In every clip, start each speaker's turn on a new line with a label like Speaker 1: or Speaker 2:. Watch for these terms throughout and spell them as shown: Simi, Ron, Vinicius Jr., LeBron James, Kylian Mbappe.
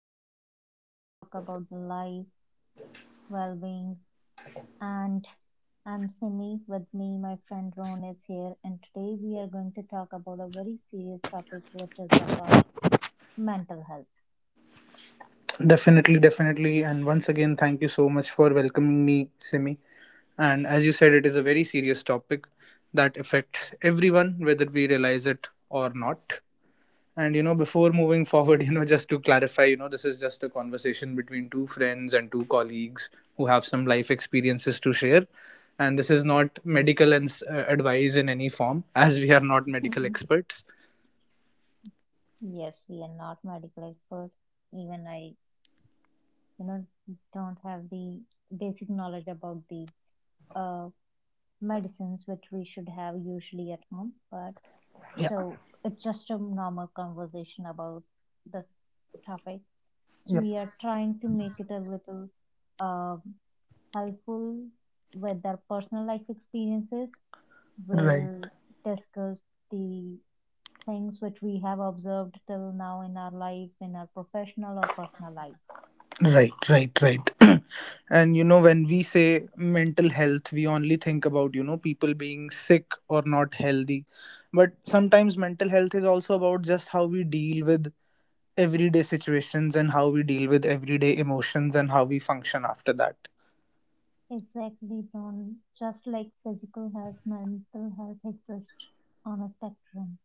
Speaker 1: The Balance where we talk about the life, well-being and I'm Simi. With me, my friend Ron is here and today we are going to talk about a very serious topic which is about mental health.
Speaker 2: Definitely, definitely. And once again, thank you so much for welcoming me, Simi. And as you said, it is a very serious topic that affects everyone, whether we realize it or not. And, before moving forward, just to clarify, this is just a conversation between two friends and two colleagues who have some life experiences to share. And this is not medical and advice in any form, as we are not medical
Speaker 1: Mhm.
Speaker 2: experts.
Speaker 1: Yes, we are not medical expert. Even I, you know, don't have the basic knowledge about the uh, medicines which we should have usually at home. But
Speaker 2: Yeah,
Speaker 1: So it's just a normal conversation about this topic. So
Speaker 2: yep,
Speaker 1: we are trying to make it a little um, helpful with our personal life experiences.
Speaker 2: right.
Speaker 1: We'll discuss the things which we have observed till now in our life, in our professional or personal life.
Speaker 2: Right, right, right. And you know, when we say mental health, we only think about, you know, people being sick or not healthy. But sometimes mental health is also about just how we deal with everyday situations and how we deal with everyday emotions and how we function after that.
Speaker 1: Exactly, Don. Just like physical health, mental health exists on a spectrum.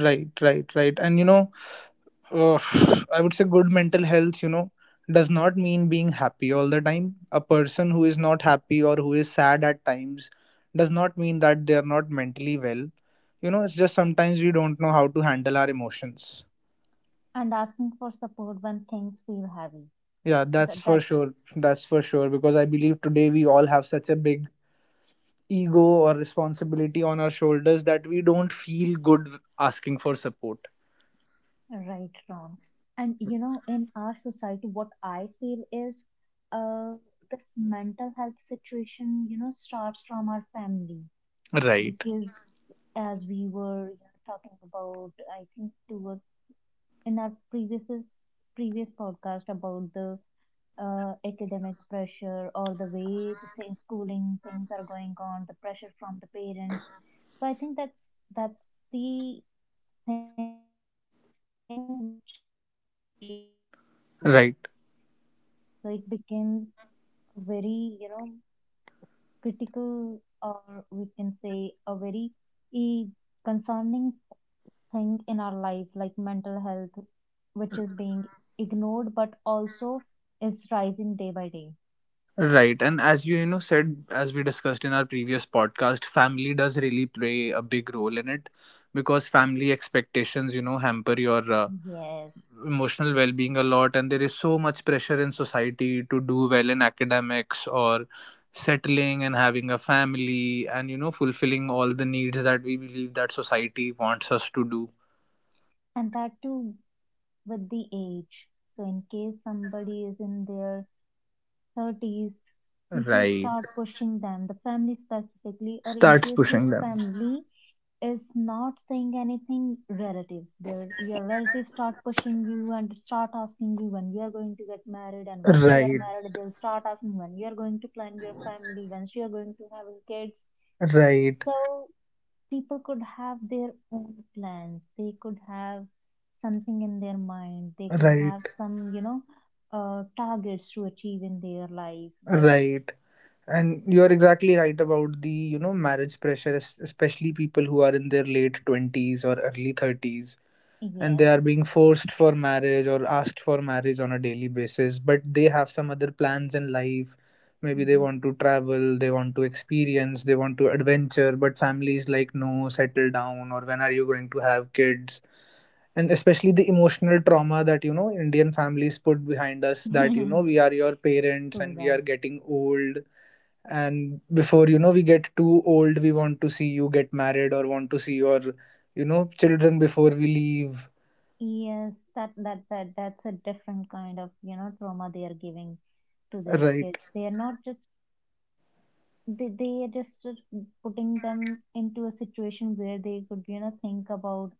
Speaker 2: Right, right, right. And you know, uh, I would say good mental health, you know, does not mean being happy all the time. A person who is not happy or who is sad at times does not mean that they are not mentally well. You know, it's just sometimes we don't know how to handle our emotions.
Speaker 1: And asking for support when things feel heavy.
Speaker 2: Yeah, that's
Speaker 1: That,
Speaker 2: for
Speaker 1: that
Speaker 2: sure. That's for sure. Because I believe today we all have such a big ego or responsibility on our shoulders that we don't feel good asking for support.
Speaker 1: Right, wrong, and in our society, what I feel is uh, this mental health situation, starts from our family
Speaker 2: Right.
Speaker 1: because as we were talking about, I think to in our previous podcast about the academic pressure or the way the thing, schooling things are going on, the pressure from the parents. So I think that's the thing which creates this issue. So
Speaker 2: Right.
Speaker 1: it became a very, critical, or we can say a very eh, concerning thing in our life, like mental health, which is being ignored but also is rising day by day.
Speaker 2: Right. And as you, you know, said, as we discussed in our previous podcast, family does really play a big role in it because family expectations, you know, hamper your
Speaker 1: Yes.
Speaker 2: emotional well being a lot. And there is so much pressure in society to do well in academics or settling and having a family and, you know, fulfilling all the needs that we believe that society wants us to do.
Speaker 1: And that too with the age. So in case somebody is in their 30s, people
Speaker 2: Right.
Speaker 1: start pushing them, the family specifically, or in
Speaker 2: Starts
Speaker 1: case your
Speaker 2: pushing them.
Speaker 1: family is not saying anything, relatives, their your relatives start pushing you and start asking you when you are going to get married, and once you are
Speaker 2: Right.
Speaker 1: married they'll start asking when you are going to plan your family, once you are going to having kids.
Speaker 2: Right.
Speaker 1: So people could have their own plans, they could have something in their mind, they could
Speaker 2: Right.
Speaker 1: have some targets to achieve in their life, but
Speaker 2: Right. And you're exactly right about the, you know, marriage pressure, especially people who are in their late 20s or early 30s and they
Speaker 1: yes,
Speaker 2: are being forced for marriage or asked for marriage on a daily basis, but they have some other plans in life. Maybe they
Speaker 1: yeah.
Speaker 2: want to travel, they want to experience, they want to adventure, but family is like, no, settle down, or when are you going to have kids? And especially the emotional trauma that, you know, Indian families put behind us that, you know, we are your parents and we
Speaker 1: True.
Speaker 2: are getting old and before you know we get too old we want to see you get married or want to see your, you know, children before we leave.
Speaker 1: Yes, that's a different kind of, trauma they are giving to their kids.
Speaker 2: Right,
Speaker 1: They are not just, they are just sort of putting them into a situation where they could, think about,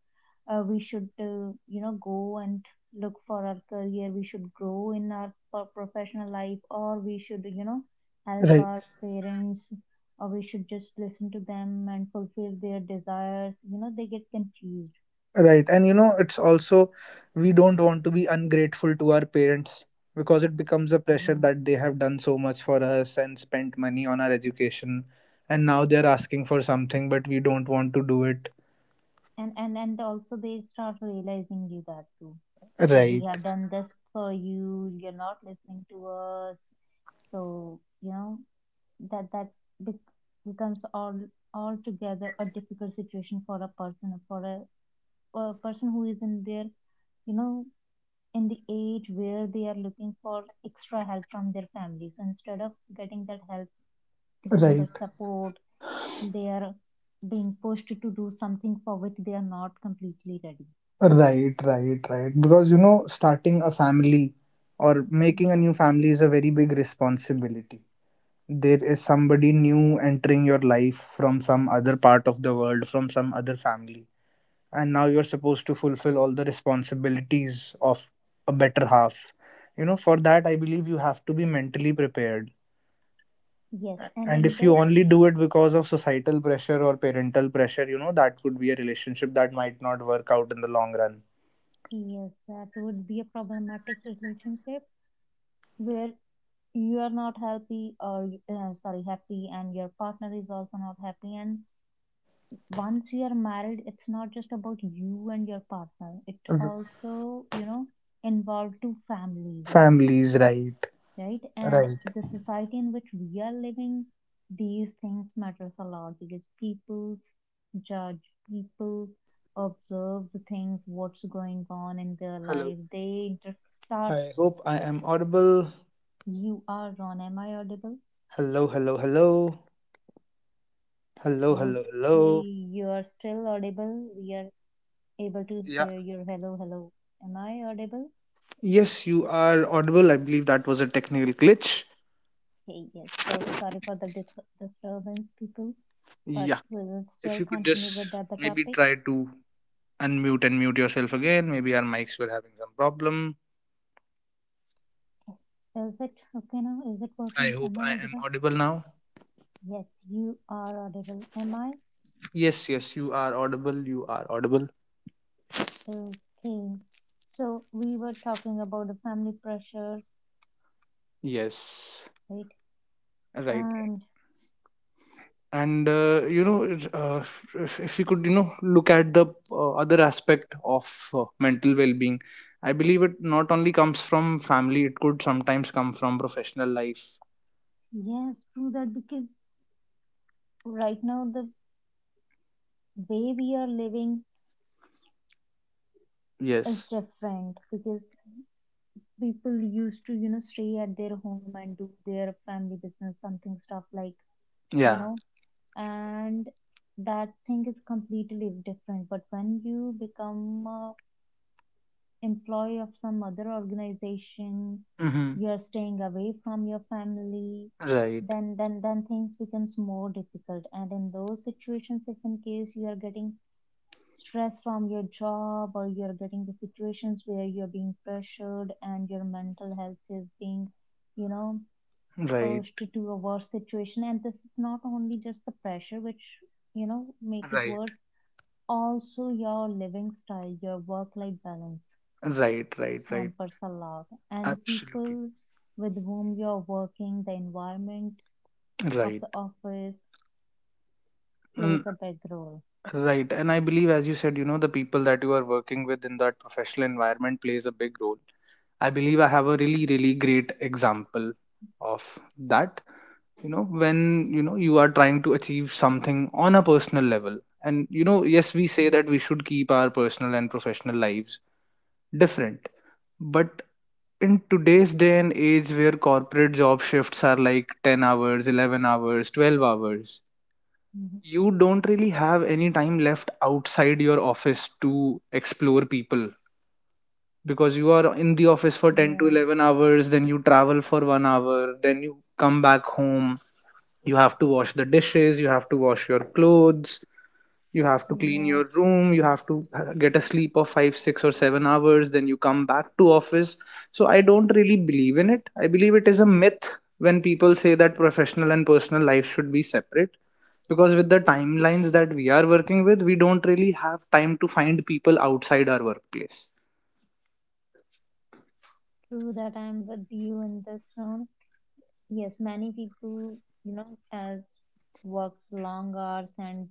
Speaker 1: we should, go and look for our career. We should grow in our professional life, or we should, help
Speaker 2: right,
Speaker 1: our parents, or we should just listen to them and fulfill their desires. They get confused.
Speaker 2: right. And you know it's also we don't want to be ungrateful to our parents because it becomes a pressure
Speaker 1: Yeah.
Speaker 2: that they have done so much for us and spent money on our education and now they're asking for something but we don't want to do it.
Speaker 1: And also they start realizing you that too, that we
Speaker 2: Right,
Speaker 1: have done this for you, you're not listening to us. So that's bec- becomes all altogether a difficult situation for a person who is in their you know in the age where they are looking for extra help from their family. So instead of getting that help, getting
Speaker 2: right.
Speaker 1: that support, they are being pushed to do something for which they are not completely ready.
Speaker 2: Right, right, right. Because you know, starting a family or making a new
Speaker 1: Yes.
Speaker 2: family is a very big responsibility. There is somebody new entering your life from some other part of the world, from some other family. And now you're supposed to fulfill all the responsibilities of a better half. You know, for that, I believe you have to be mentally prepared.
Speaker 1: Yes, and
Speaker 2: And
Speaker 1: in
Speaker 2: if you
Speaker 1: this,
Speaker 2: only do it because of societal pressure or parental pressure, you know, that could be a relationship that might not work out in the long run.
Speaker 1: yes, that would be a problematic relationship where you are not happy or you- sorry, happy, and your partner is also not happy. And once you are married, it's not just about you and your partner. It also, involved two families.
Speaker 2: Families, right,
Speaker 1: Right? And
Speaker 2: right.
Speaker 1: the society in which we are living, these things matters a lot because people judge, people observe the things, what's going on in their
Speaker 2: Hello.
Speaker 1: life. They start.
Speaker 2: I hope I am audible.
Speaker 1: You are on. Am I audible?
Speaker 2: Hello, hello, hello. Hello, hello,
Speaker 1: Okay,
Speaker 2: hello.
Speaker 1: you are still audible. We are able to
Speaker 2: Yeah.
Speaker 1: hear your hello, hello. Am I audible?
Speaker 2: Yes, you are audible. I believe that was a technical glitch.
Speaker 1: Okay, yes. So sorry for the disturbance, people, but
Speaker 2: Yeah.
Speaker 1: we will
Speaker 2: If
Speaker 1: still
Speaker 2: you could
Speaker 1: continue
Speaker 2: just
Speaker 1: with that the
Speaker 2: maybe
Speaker 1: topic.
Speaker 2: try to unmute and mute yourself again. Maybe our mics were having some problem.
Speaker 1: Okay. Is it okay now? Is it
Speaker 2: I
Speaker 1: working?
Speaker 2: hope
Speaker 1: Am I
Speaker 2: I am
Speaker 1: audible?
Speaker 2: audible now.
Speaker 1: Yes, you are audible. Am I?
Speaker 2: Yes, yes, you are audible. You are audible.
Speaker 1: Okay. So we were talking about the family pressure,
Speaker 2: Yes.
Speaker 1: right?
Speaker 2: Right.
Speaker 1: And
Speaker 2: and You know it's, if we could, you know, look at the other aspect of mental well-being, I believe it not only comes from family, it could sometimes come from professional life.
Speaker 1: yes, true that because right now the way we are living is
Speaker 2: Yes,
Speaker 1: different because people used to, stay at their home and do their family business, something stuff like, you
Speaker 2: yeah,
Speaker 1: know, and that thing is completely different. But when you become a employee of some other organization,
Speaker 2: mm-hmm.
Speaker 1: you're staying away from your family,
Speaker 2: Right,
Speaker 1: then things becomes more difficult. And in those situations, if in case you are getting stress from your job, or you're getting the situations where you're being pressured and your mental health is being, you know,
Speaker 2: right,
Speaker 1: pushed to a worse situation. And this is not only just the pressure which, make it
Speaker 2: right,
Speaker 1: worse, also your living style, your work life balance
Speaker 2: right, right, right,
Speaker 1: hampers a lot. And the
Speaker 2: absolutely,
Speaker 1: people with whom you're working, the environment of
Speaker 2: right.
Speaker 1: the office
Speaker 2: Mm,
Speaker 1: plays a big role.
Speaker 2: right. And I believe as you said, you know, the people that you are working with in that professional environment plays a big role. I believe I have a really, really great example of that. You know, when you know you are trying to achieve something on a personal level, and you know, yes, we
Speaker 1: Mm.
Speaker 2: say that we should keep our personal and professional lives different, but in today's day and age where corporate job shifts are like 10 hours, 11 hours, 12 hours,
Speaker 1: Mhm.
Speaker 2: you don't really have any time left outside your office to explore people, because you are in the office for 10 to
Speaker 1: Yes,
Speaker 2: 11 hours, then you travel for 1 hour, then you come back home, you have to wash the dishes, you have to wash your clothes, you have to clean your
Speaker 1: yes,
Speaker 2: room, you have to get a sleep of 5, 6 or 7 hours, then you come back to office. So I don't really believe in it, I believe it is a myth when people say that professional and personal life should be separate, because with the timelines that we are working with we don't really have time to find people outside our workplace.
Speaker 1: true that, I'm with you in this room. Yes, many people, as works long hours and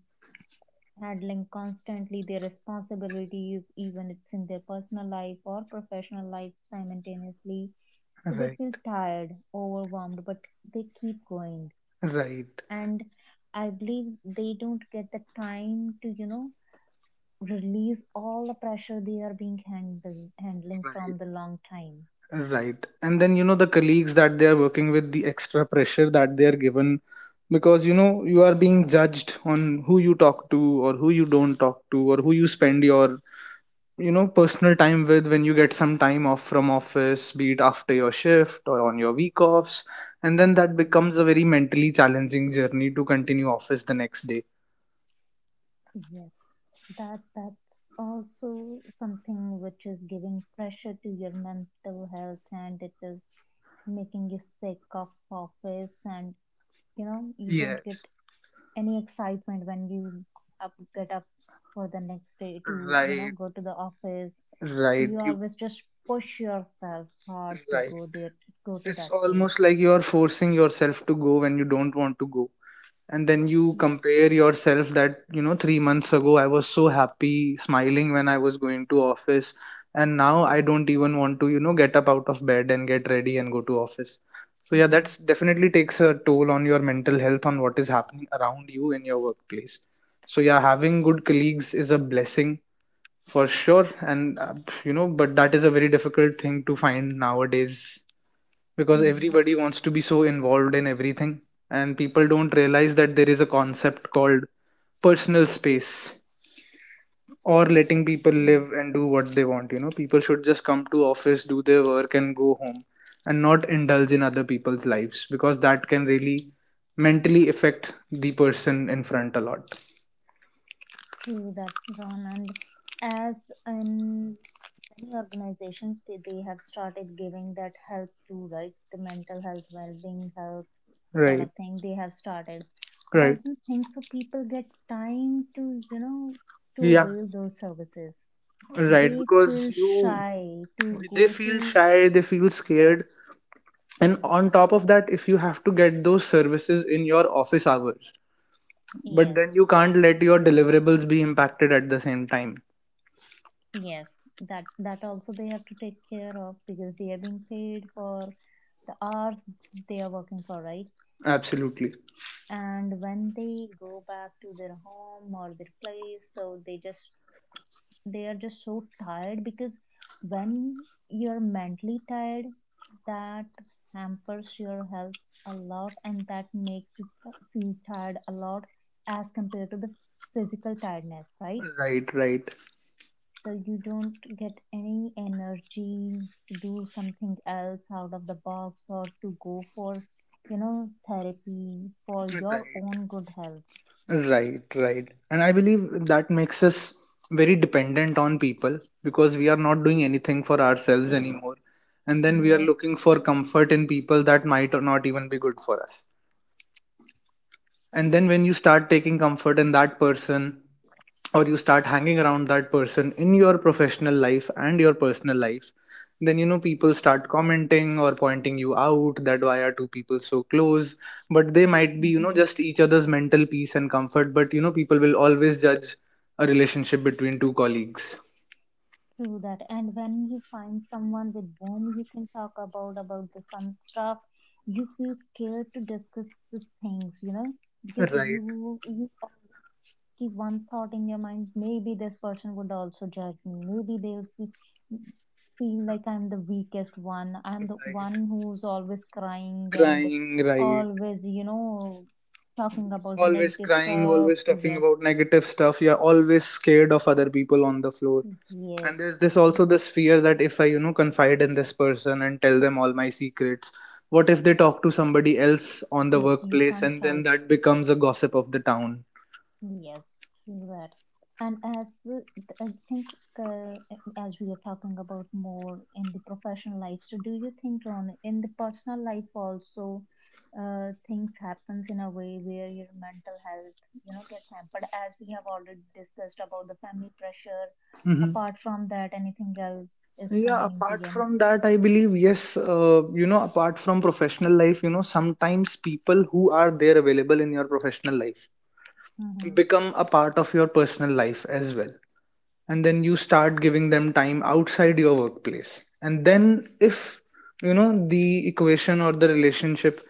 Speaker 1: handling constantly their responsibilities, even it's in their personal life or professional life simultaneously. So they feel
Speaker 2: Right,
Speaker 1: tired, overwhelmed, but they keep going,
Speaker 2: right,
Speaker 1: and I believe they don't get the time to release all the pressure they are being handled handling
Speaker 2: right.
Speaker 1: from the long time.
Speaker 2: Right. And then, you know, the colleagues that they are working with, the extra pressure that they are given because, you know, you are being judged on who you talk to or who you don't talk to or who you spend your, you know, personal time with when you get some time off from office, be it after your shift or on your week offs. And then that becomes a very mentally challenging journey to continue office the next day.
Speaker 1: Yes, that's also something which is giving pressure to your mental health, and it is making you sick of office, and you don't
Speaker 2: Yes.
Speaker 1: get any excitement when you get up for the next day to
Speaker 2: Right.
Speaker 1: go to the office. Do
Speaker 2: Right.
Speaker 1: you
Speaker 2: You,
Speaker 1: always just push yourself hard to
Speaker 2: right.
Speaker 1: go there, to go to
Speaker 2: It's
Speaker 1: that place?
Speaker 2: almost like you are forcing yourself to go when you don't want to go. And then you
Speaker 1: Yes,
Speaker 2: compare yourself that you know 3 months ago I was so happy smiling when I was going to office, and now I don't even want to, you know, get up out of bed and get ready and go to office. So yeah, that's
Speaker 1: yes,
Speaker 2: definitely takes a toll on your mental health on what is happening around you in your workplace. So yeah, having good colleagues is a blessing for sure. and You know, but that is a very difficult thing to find nowadays because
Speaker 1: yeah,
Speaker 2: everybody wants to be so involved in everything, and people don't realize that there is a concept called personal space, or letting people
Speaker 1: right.
Speaker 2: live and do what they want. You know, people should just come to office, do their work and go home, and not indulge in other people's lives because that can really mentally affect the person in front a lot.
Speaker 1: True that, Ron. And as in many organizations, they have started giving that help too, right? The mental health, well-being help sort
Speaker 2: Right,
Speaker 1: of thing they have started. But I
Speaker 2: right,
Speaker 1: don't think so. People get time to,
Speaker 2: yeah,
Speaker 1: avail those services.
Speaker 2: right.
Speaker 1: They
Speaker 2: Because
Speaker 1: feel
Speaker 2: you,
Speaker 1: shy to
Speaker 2: they
Speaker 1: go
Speaker 2: feel
Speaker 1: to,
Speaker 2: shy, they feel
Speaker 1: yes,
Speaker 2: scared, and on top of that if you have to get those services in your office hours, but
Speaker 1: yes.
Speaker 2: then you can't let your deliverables be impacted at the same time.
Speaker 1: Yes, that also they have to take care of, because they are being paid for the hours they are working for, right?
Speaker 2: Absolutely.
Speaker 1: And when they go back to their home or their place, so they are just so tired, because when you're mentally tired, that hampers your health a lot, and that makes you feel tired a lot as compared to the physical tiredness, right?
Speaker 2: Right, right,
Speaker 1: So you don't get any energy to do something else out of the box, or to go for therapy for your
Speaker 2: right.
Speaker 1: own good health.
Speaker 2: Right, right. And I believe that makes us very dependent on people because we are not doing anything for ourselves anymore, and then we are
Speaker 1: Yes.
Speaker 2: looking for comfort in people that might or not even be good for us. And then when you start taking comfort in that person, or you start hanging around that person in your professional life and your personal life, then you know people start commenting or pointing you out that why are two people so close? But they might be, you know,
Speaker 1: Mhm,
Speaker 2: just each other's mental peace and comfort. But you know, people will always judge a relationship between two colleagues.
Speaker 1: true that. And when you find someone with whom you can talk about the some stuff, you feel scared to discuss the things, because
Speaker 2: Right,
Speaker 1: you keep one thought in your mind, maybe this person would also judge me, maybe feel like I'm the weakest one, I'm the
Speaker 2: right.
Speaker 1: one who's always crying and
Speaker 2: Crying, right.
Speaker 1: always talking about the
Speaker 2: Always
Speaker 1: negative
Speaker 2: crying,
Speaker 1: stuff.
Speaker 2: always talking
Speaker 1: Yes,
Speaker 2: about negative stuff. You're always scared of other people on the floor.
Speaker 1: yes,
Speaker 2: And there's this also this fear that if I, you know, confide in this person and tell them all my secrets, what if they talk to somebody else on the
Speaker 1: yes, you
Speaker 2: workplace
Speaker 1: can't
Speaker 2: and then
Speaker 1: trust.
Speaker 2: that becomes a gossip of the town.
Speaker 1: Yes, true that. And as I think, as we are talking about more in the professional life, so do you think, Ron, in the personal life also, things happens in a way where your mental health, gets hampered? As we have already discussed about the family pressure.
Speaker 2: Hmm.
Speaker 1: Apart from that, anything else is
Speaker 2: Yeah,
Speaker 1: coming into
Speaker 2: apart
Speaker 1: you know.
Speaker 2: from that I believe yes, you know, apart from professional life, you know, sometimes people who are there available in your professional life
Speaker 1: Hmm.
Speaker 2: become a part of your personal life as well, and then you start giving them time outside your workplace, and then if you know the equation or the relationship,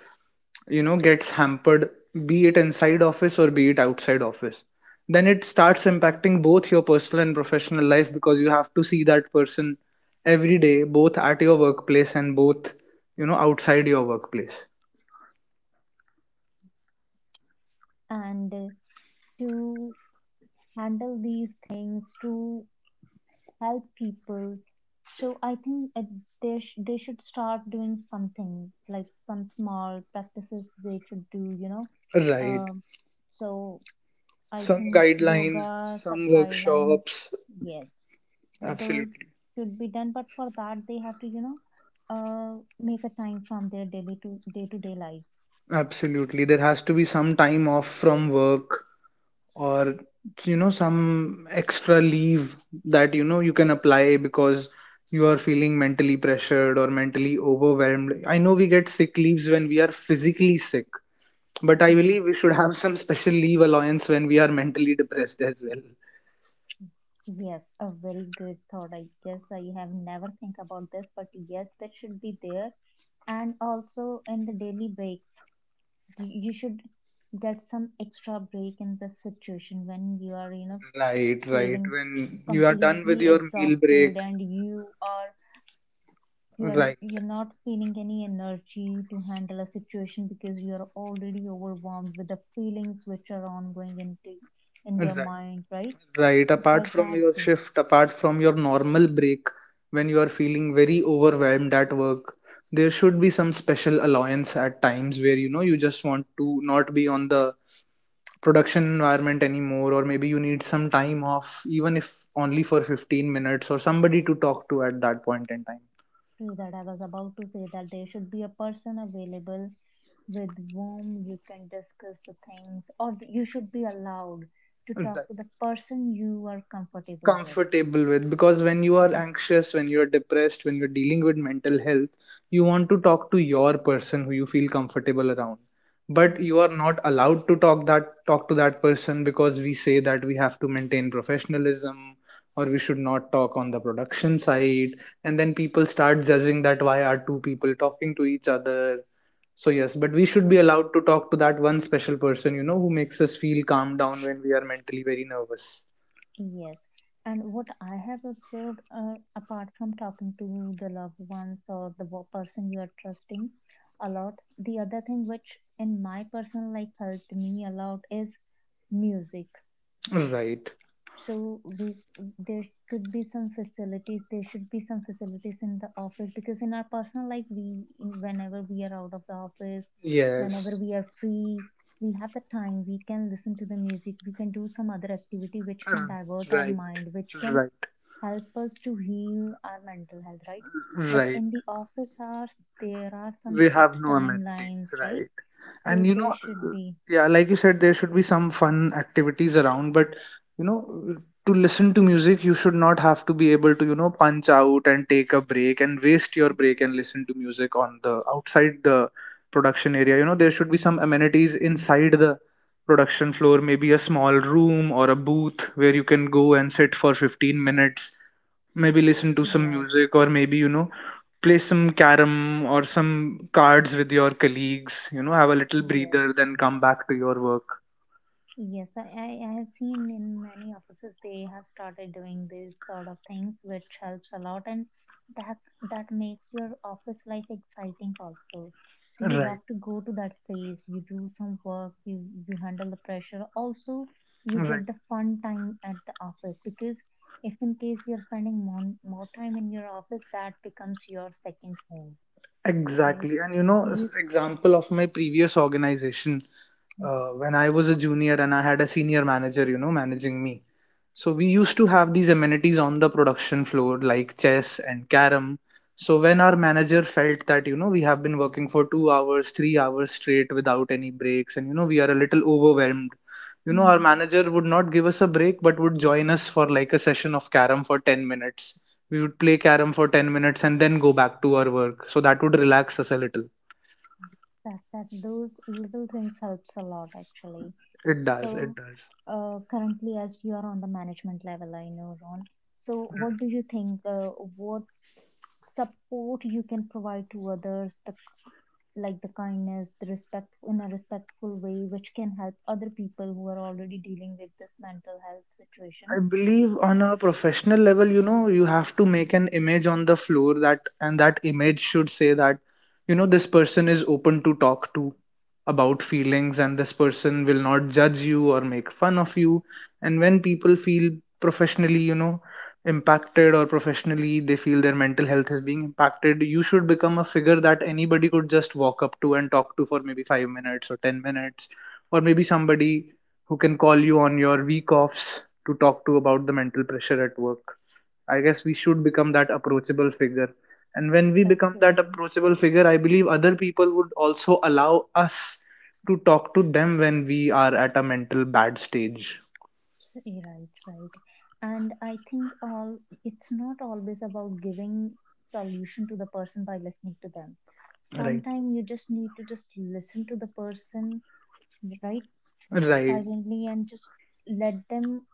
Speaker 2: you know, gets hampered, be it inside office or be it outside office, then it starts impacting both your personal and professional life because you have to see that person every day both at your workplace and both, you know, outside your workplace.
Speaker 1: And to handle these things, to help people. So I think they should start doing something like some small practices they should do.
Speaker 2: Right.
Speaker 1: Um, so I
Speaker 2: Some
Speaker 1: think
Speaker 2: guidelines,
Speaker 1: yoga sub
Speaker 2: some
Speaker 1: guidelines,
Speaker 2: workshops,
Speaker 1: yes, so those
Speaker 2: absolutely.
Speaker 1: should be done. But for that, they have to uh, make a time from their daily to day life.
Speaker 2: Absolutely. There has to be some time off from work or, you know, some extra leave that, you know, you can apply because you are feeling mentally pressured or mentally overwhelmed. I know we get sick leaves when we are physically sick, but I
Speaker 1: Mm,
Speaker 2: believe we should
Speaker 1: true.
Speaker 2: have some special leave allowance when we are mentally depressed as well.
Speaker 1: Yes, a very good thought. I guess I have never think about this, but yes, that should be there, and also in the daily breaks, you should get some extra break in the situation when you are
Speaker 2: Right, right.
Speaker 1: feeling
Speaker 2: When you are done with
Speaker 1: completely
Speaker 2: your meal
Speaker 1: exhausted,
Speaker 2: break,
Speaker 1: and you are you are
Speaker 2: right.
Speaker 1: you're not feeling any energy to handle a situation because you are already overwhelmed with the feelings which are ongoing into in your
Speaker 2: Right.
Speaker 1: mind, right?
Speaker 2: Right.
Speaker 1: So for
Speaker 2: Apart from
Speaker 1: that
Speaker 2: your
Speaker 1: too.
Speaker 2: shift, apart from your normal break, when you are feeling very overwhelmed at work, there should be some special allowance at times where you know you just want to not be on the production environment anymore, or maybe you need some time off, even if only for 15 minutes, or somebody to talk to at that point in time.
Speaker 1: True that, I was about to say that there should be a person available with whom you can discuss the things, or you should be allowed to
Speaker 2: Right.
Speaker 1: talk to the person you are comfortable with,
Speaker 2: Comfortable with because when you are
Speaker 1: right?
Speaker 2: anxious, when you're depressed, when you're dealing with mental health, you want to talk to your person who you feel comfortable around, but you are
Speaker 1: Yes.
Speaker 2: not allowed to talk to that person because we say that we have to maintain professionalism or we should not talk on the production side, and then people start judging that why are two people talking to each other. So yes, but we should be
Speaker 1: Mm.
Speaker 2: allowed to talk to that one special person, you know, who makes us feel calm down when we are mentally very nervous,
Speaker 1: Yes. And what I have observed, apart from talking to the loved ones or the person you are trusting a lot, the other thing which in my personal life helped me a lot is music.
Speaker 2: right.
Speaker 1: So we there could be some facilities. There should be some facilities in the office because in our personal life, whenever we are out of the office, whenever
Speaker 2: Yes,
Speaker 1: we are free, we have the time. We can listen to the music. We can do some other activity which can divert our
Speaker 2: right,
Speaker 1: mind, which can
Speaker 2: right,
Speaker 1: help us to heal our mental health, right? But
Speaker 2: right.
Speaker 1: in the office hours, there are some
Speaker 2: We have
Speaker 1: strict
Speaker 2: no
Speaker 1: timelines,
Speaker 2: amenities,
Speaker 1: right?
Speaker 2: right?
Speaker 1: So
Speaker 2: And you
Speaker 1: there
Speaker 2: know,
Speaker 1: should be
Speaker 2: yeah, like you said, there should be some fun activities around, but you know, to listen to music, you should not have to be able to, you know, punch out and take a break and waste your break and listen
Speaker 1: yes,
Speaker 2: to music on the outside the production area. You know, there should be some amenities inside the production floor, maybe a small room or a booth where you can go and sit for 15 minutes, maybe listen to some
Speaker 1: yes,
Speaker 2: music or maybe, you know, play some carom or some cards with your colleagues, you know, have a little
Speaker 1: yes.
Speaker 2: breather, then come back to your work,
Speaker 1: Yes, I have seen in many offices they have started doing these sort of things, which helps a lot, and that makes your office life exciting also. So you
Speaker 2: right,
Speaker 1: love to go to that place, you do some work, you handle the pressure. Also, you
Speaker 2: right.
Speaker 1: get the fun time at the office because if in case you're spending more time in your office, that becomes your second home, right?
Speaker 2: Exactly. And you know,
Speaker 1: Do
Speaker 2: as
Speaker 1: you sp-
Speaker 2: example of my previous organization, when I was a junior and I had a senior manager, you know, managing me. So we used to have these amenities on the production floor like chess and carom. So when our manager felt that, you know, we have been working for 2 hours, 3 hours straight without any breaks, and you know, we are a little overwhelmed. You know, our
Speaker 1: Mhm.
Speaker 2: manager would not give us a break, but would join us for like a session of carom for 10 minutes. We would play carom for 10 minutes and then go back to our work, so that would relax us a little.
Speaker 1: That those little things helps a lot actually.
Speaker 2: It does, it
Speaker 1: So,
Speaker 2: does.
Speaker 1: currently, as you are on the management level, I know, Ron. So, what do you think? What support you can provide to others, the like the kindness, the respect in a respectful way, which can help other people who are already dealing with this mental health situation.
Speaker 2: I believe on
Speaker 1: So,
Speaker 2: a professional level, you know, you have to make an image on the floor that, and that image should say that, you know, this person is open to talk to about feelings and this person will not judge you or make fun of you. And when people feel professionally, you know, impacted, or professionally they feel their mental health is being impacted, you should become a figure that anybody could just walk up to and talk to for maybe 5 minutes or 10 minutes, or maybe somebody who can call you on your week offs to talk to about the mental pressure at work. I guess we should become that approachable figure. And when we become that
Speaker 1: agree.
Speaker 2: approachable figure, I believe other people would also allow us to talk to them when we are at a mental bad stage.
Speaker 1: Yeah, right, right. And I think all it's not always about giving solution to the person by listening to them.
Speaker 2: Right.
Speaker 1: Sometimes you just need to just listen to the person, right,
Speaker 2: Right.
Speaker 1: silently and just let them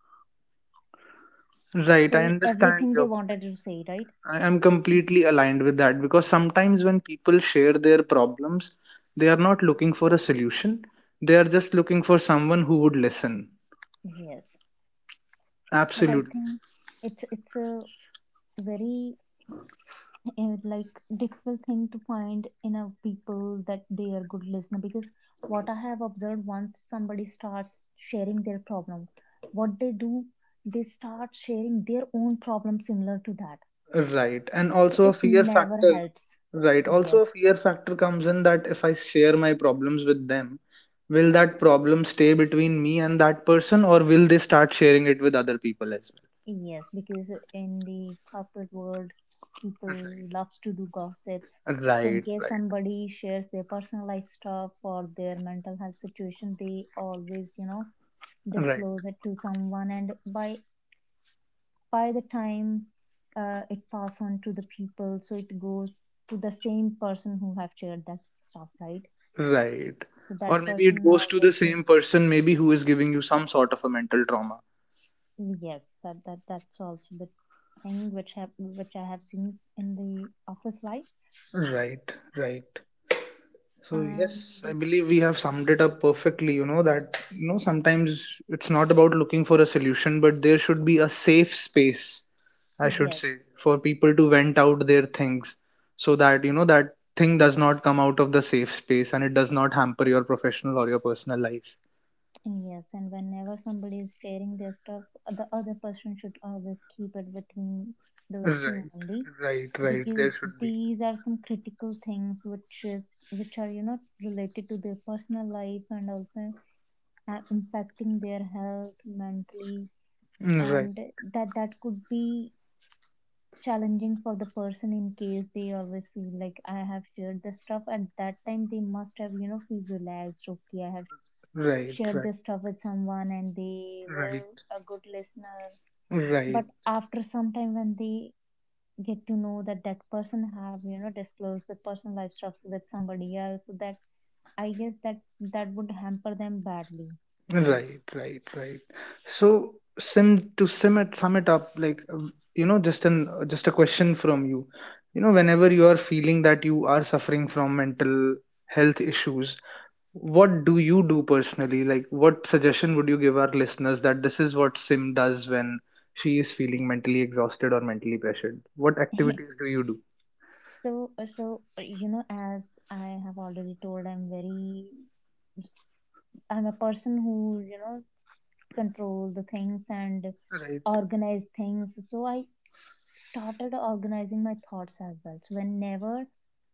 Speaker 2: Right. I
Speaker 1: say
Speaker 2: understand
Speaker 1: everything they
Speaker 2: your
Speaker 1: wanted
Speaker 2: point.
Speaker 1: to say, right?
Speaker 2: I am completely aligned with that because sometimes when people share their problems, they are not looking for a solution. They are just looking for someone who would listen.
Speaker 1: Yes. But I
Speaker 2: Absolutely.
Speaker 1: think it's a very and like difficult thing to find in a people that they are good listener because what I have observed once somebody starts sharing their problem, what they do, they start sharing their own problem similar to that,
Speaker 2: Right. And
Speaker 1: so
Speaker 2: also a
Speaker 1: it
Speaker 2: fear
Speaker 1: never
Speaker 2: factor.
Speaker 1: helps.
Speaker 2: Right. Also
Speaker 1: Yes,
Speaker 2: a fear factor comes in that if I share my problems with them, will that problem stay between me and that person, or will they start sharing it with other people as well?
Speaker 1: yes, because in the corporate world people
Speaker 2: Right.
Speaker 1: loves to do gossips. So in
Speaker 2: Right.
Speaker 1: case somebody shares their personal life stuff or their mental health situation, they always, you know,
Speaker 2: Right.
Speaker 1: disclose it to someone, and by the time, it pass on to the people, so it goes to the same person who have shared that stuff, right?
Speaker 2: Right. Right.
Speaker 1: So
Speaker 2: Or
Speaker 1: that
Speaker 2: maybe it
Speaker 1: person
Speaker 2: goes to the
Speaker 1: always will-
Speaker 2: same person maybe who is giving you some sort of a mental trauma.
Speaker 1: yes, that that's also the thing which have, which I have seen in the office life.
Speaker 2: Right. Right. So
Speaker 1: And
Speaker 2: yes, I believe we have summed it up perfectly. You know that, you know, sometimes it's not about looking for a solution, but there should be a safe space, I should
Speaker 1: yes,
Speaker 2: say, for people to vent out their things, so that you know that thing does not come out of the safe space and it does not hamper your professional or your personal life.
Speaker 1: yes, and whenever somebody is sharing their stuff, the other person should always keep it between those two
Speaker 2: Right,
Speaker 1: only,
Speaker 2: right, right.
Speaker 1: because
Speaker 2: There should be.
Speaker 1: these are some critical things which is, which are, you know, related to their personal life, and also, impacting their health mentally,
Speaker 2: Right,
Speaker 1: and that could be challenging for the person, in case they always feel like I have shared this stuff at that time, they must have, you know, feel relaxed, okay, I have
Speaker 2: right,
Speaker 1: shared
Speaker 2: right,
Speaker 1: this stuff with someone and they
Speaker 2: right,
Speaker 1: were a good listener, but
Speaker 2: right.
Speaker 1: after some time when they get to know that that person have, you know, disclosed the personal life stuff with somebody else, so that I guess that that would hamper them badly.
Speaker 2: Right, right, right. So, sin to sum it up, like you know, just a question from you. You know, whenever you are feeling that you are suffering from mental health issues, what do you do personally? Like, what suggestion would you give our listeners that this is what Sim does when she is feeling mentally exhausted or mentally pressured? What activities do you do?
Speaker 1: so so, you know, as I have already told, I'm a person who, you know, control the things and
Speaker 2: Right,
Speaker 1: organize things, so I started organizing my thoughts as well. So whenever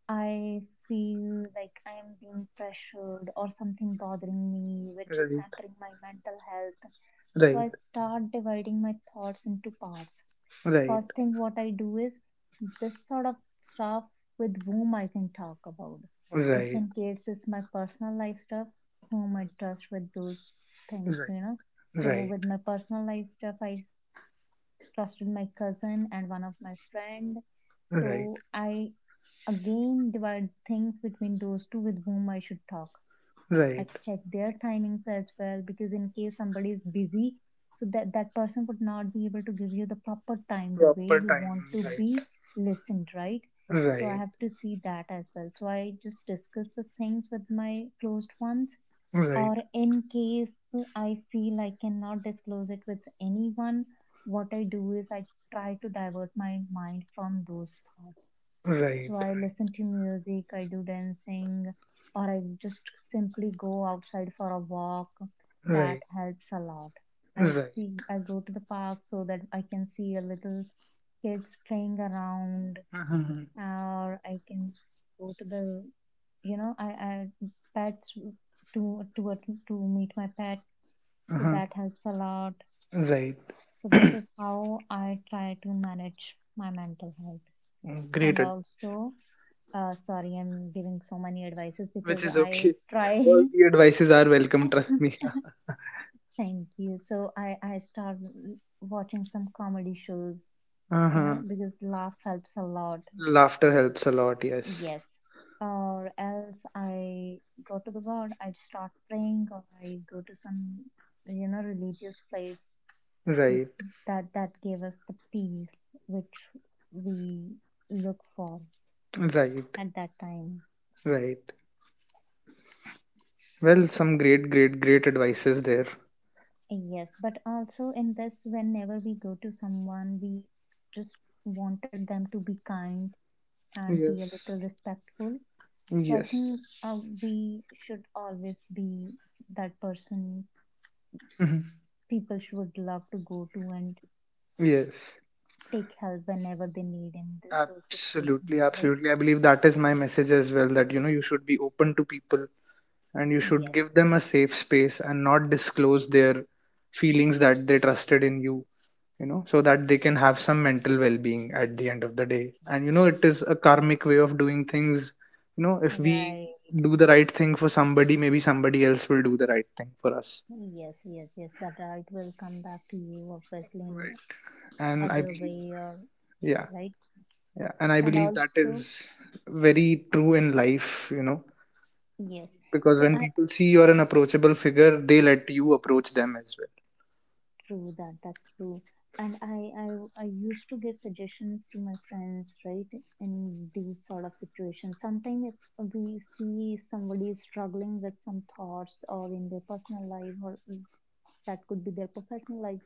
Speaker 1: I feel like I'm being pressured or something bothering me, which is
Speaker 2: right,
Speaker 1: hampering my mental health. So I start dividing my thoughts into parts.
Speaker 2: right, right,
Speaker 1: First thing, what I do is this sort of stuff, with whom I can talk about. If
Speaker 2: right,
Speaker 1: in case it's my personal life stuff, whom I trust with those things, you know. So
Speaker 2: right,
Speaker 1: with my personal life stuff, I trusted my cousin and one of my friend,
Speaker 2: right, right,
Speaker 1: so I again divide things between those two with whom I should talk. I
Speaker 2: right.
Speaker 1: check their timings as well, because in case somebody is busy, so that that person would not be able to give you the proper time the way
Speaker 2: Proper
Speaker 1: you
Speaker 2: time,
Speaker 1: want to
Speaker 2: right,
Speaker 1: be listened, right? So I
Speaker 2: right,
Speaker 1: have to see that as well, so I just discuss the things with my closed ones,
Speaker 2: right,
Speaker 1: or in case I feel I cannot disclose it with anyone, what I do is I try to divert my mind from those thoughts. So
Speaker 2: right,
Speaker 1: I listen to music, I do dancing, or I just simply go outside for a walk. That
Speaker 2: right,
Speaker 1: helps a lot.
Speaker 2: right,
Speaker 1: I
Speaker 2: right,
Speaker 1: see I go to the park so that I can see a little kids playing around,
Speaker 2: uh-huh.
Speaker 1: or I can go to the, you know, I pets to to to meet my pet, so
Speaker 2: Uh-huh.
Speaker 1: that helps a lot.
Speaker 2: Right.
Speaker 1: So this is how I try to manage my mental health,
Speaker 2: Great
Speaker 1: and
Speaker 2: advice,
Speaker 1: also sorry I'm giving so many advices
Speaker 2: which
Speaker 1: because
Speaker 2: is
Speaker 1: I
Speaker 2: okay. All
Speaker 1: try.
Speaker 2: the advices are welcome, trust me.
Speaker 1: Thank you. So I start watching some comedy shows, you know,
Speaker 2: Uh-huh.
Speaker 1: because laugh helps a lot.
Speaker 2: Laughter helps a lot, yes.
Speaker 1: Yes. Or else I go to the God, I start praying, or I go to some, you know, religious place.
Speaker 2: Right,
Speaker 1: That gave us the peace which we look for
Speaker 2: right,
Speaker 1: at that time.
Speaker 2: right. Well, some great, great, great advices there.
Speaker 1: Yes, but also in this, whenever we go to someone, we just wanted them to be kind and be a little
Speaker 2: Yes,
Speaker 1: respectful. So I
Speaker 2: yes.
Speaker 1: think, we should always be that person
Speaker 2: Mhm.
Speaker 1: people should love to go to and
Speaker 2: Yes.
Speaker 1: take help whenever they need in those
Speaker 2: Absolutely,
Speaker 1: situations, right?
Speaker 2: absolutely, I believe that is my message as well, that you know, you should be open to people, and you should
Speaker 1: Yes.
Speaker 2: give them a safe space and not disclose their feelings that they trusted in you, you know, so that they can have some mental well-being at the end of the day. And you know, it is a karmic way of doing things, you know, if we
Speaker 1: Right.
Speaker 2: do the right thing for somebody, maybe somebody else will do the right thing for us,
Speaker 1: Yes, yes, yes. That right will come back to you, obviously, in
Speaker 2: right. And I
Speaker 1: other
Speaker 2: believe,
Speaker 1: way or
Speaker 2: yeah,
Speaker 1: right.
Speaker 2: yeah, and I
Speaker 1: And
Speaker 2: believe that
Speaker 1: also,
Speaker 2: is very true in life, you know,
Speaker 1: yes.
Speaker 2: because
Speaker 1: So
Speaker 2: when
Speaker 1: I
Speaker 2: people see you're an approachable figure, they let you approach them as well.
Speaker 1: true that that's true. And I used to give suggestions to my friends, right, in these sort of situations. Sometimes if we see somebody is struggling with some thoughts or in their personal life or that could be their professional life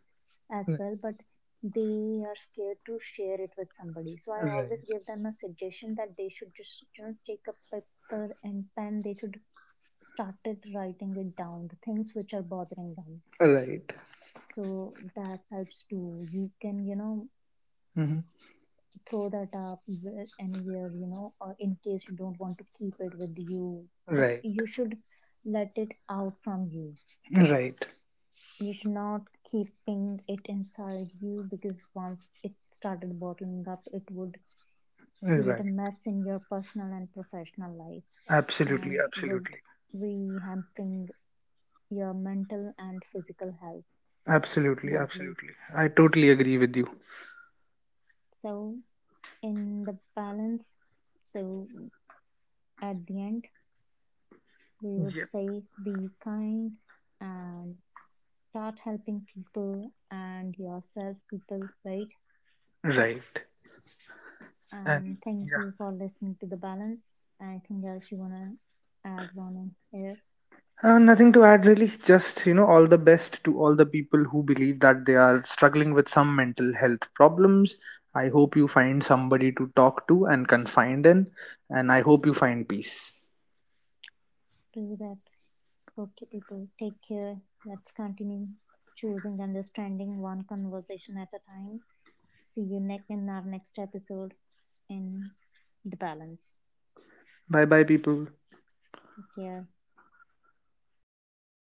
Speaker 1: as well, but they are scared to share it with somebody. So
Speaker 2: Right.
Speaker 1: I always
Speaker 2: Right.
Speaker 1: give them a suggestion that they should just, you know, take a paper and pen. They should started writing it down, the things which are bothering them.
Speaker 2: Right.
Speaker 1: So that helps too. You can, you know,
Speaker 2: Mhm.
Speaker 1: throw that up where- anywhere, you know, or in case you don't want to keep it with you, but
Speaker 2: Right.
Speaker 1: you should let it out from you.
Speaker 2: Right.
Speaker 1: You should not keeping it inside you, because once it started bottling up it would create a
Speaker 2: Right.
Speaker 1: mess in your personal and professional life,
Speaker 2: Absolutely.
Speaker 1: and would
Speaker 2: Absolutely.
Speaker 1: be hampering your mental and physical health
Speaker 2: Absolutely.
Speaker 1: badly.
Speaker 2: Absolutely. I totally agree with you.
Speaker 1: So, in the balance, so at the end, we would
Speaker 2: Yeah.
Speaker 1: say be kind and start helping people and yourself, people, right?
Speaker 2: Right. And
Speaker 1: And thank
Speaker 2: yeah.
Speaker 1: you for listening to the balance. Anything else you want to add, Ronan, here
Speaker 2: Nothing to add really. Just, you know, all the best to all the people who believe that they are struggling with some mental health problems. I hope you find somebody to talk to and confide in. And I hope you find peace.
Speaker 1: to that? Okay, people, take care. Let's continue choosing understanding one conversation at a time. See you next in our next episode in the balance.
Speaker 2: Bye bye, people.
Speaker 1: Take care.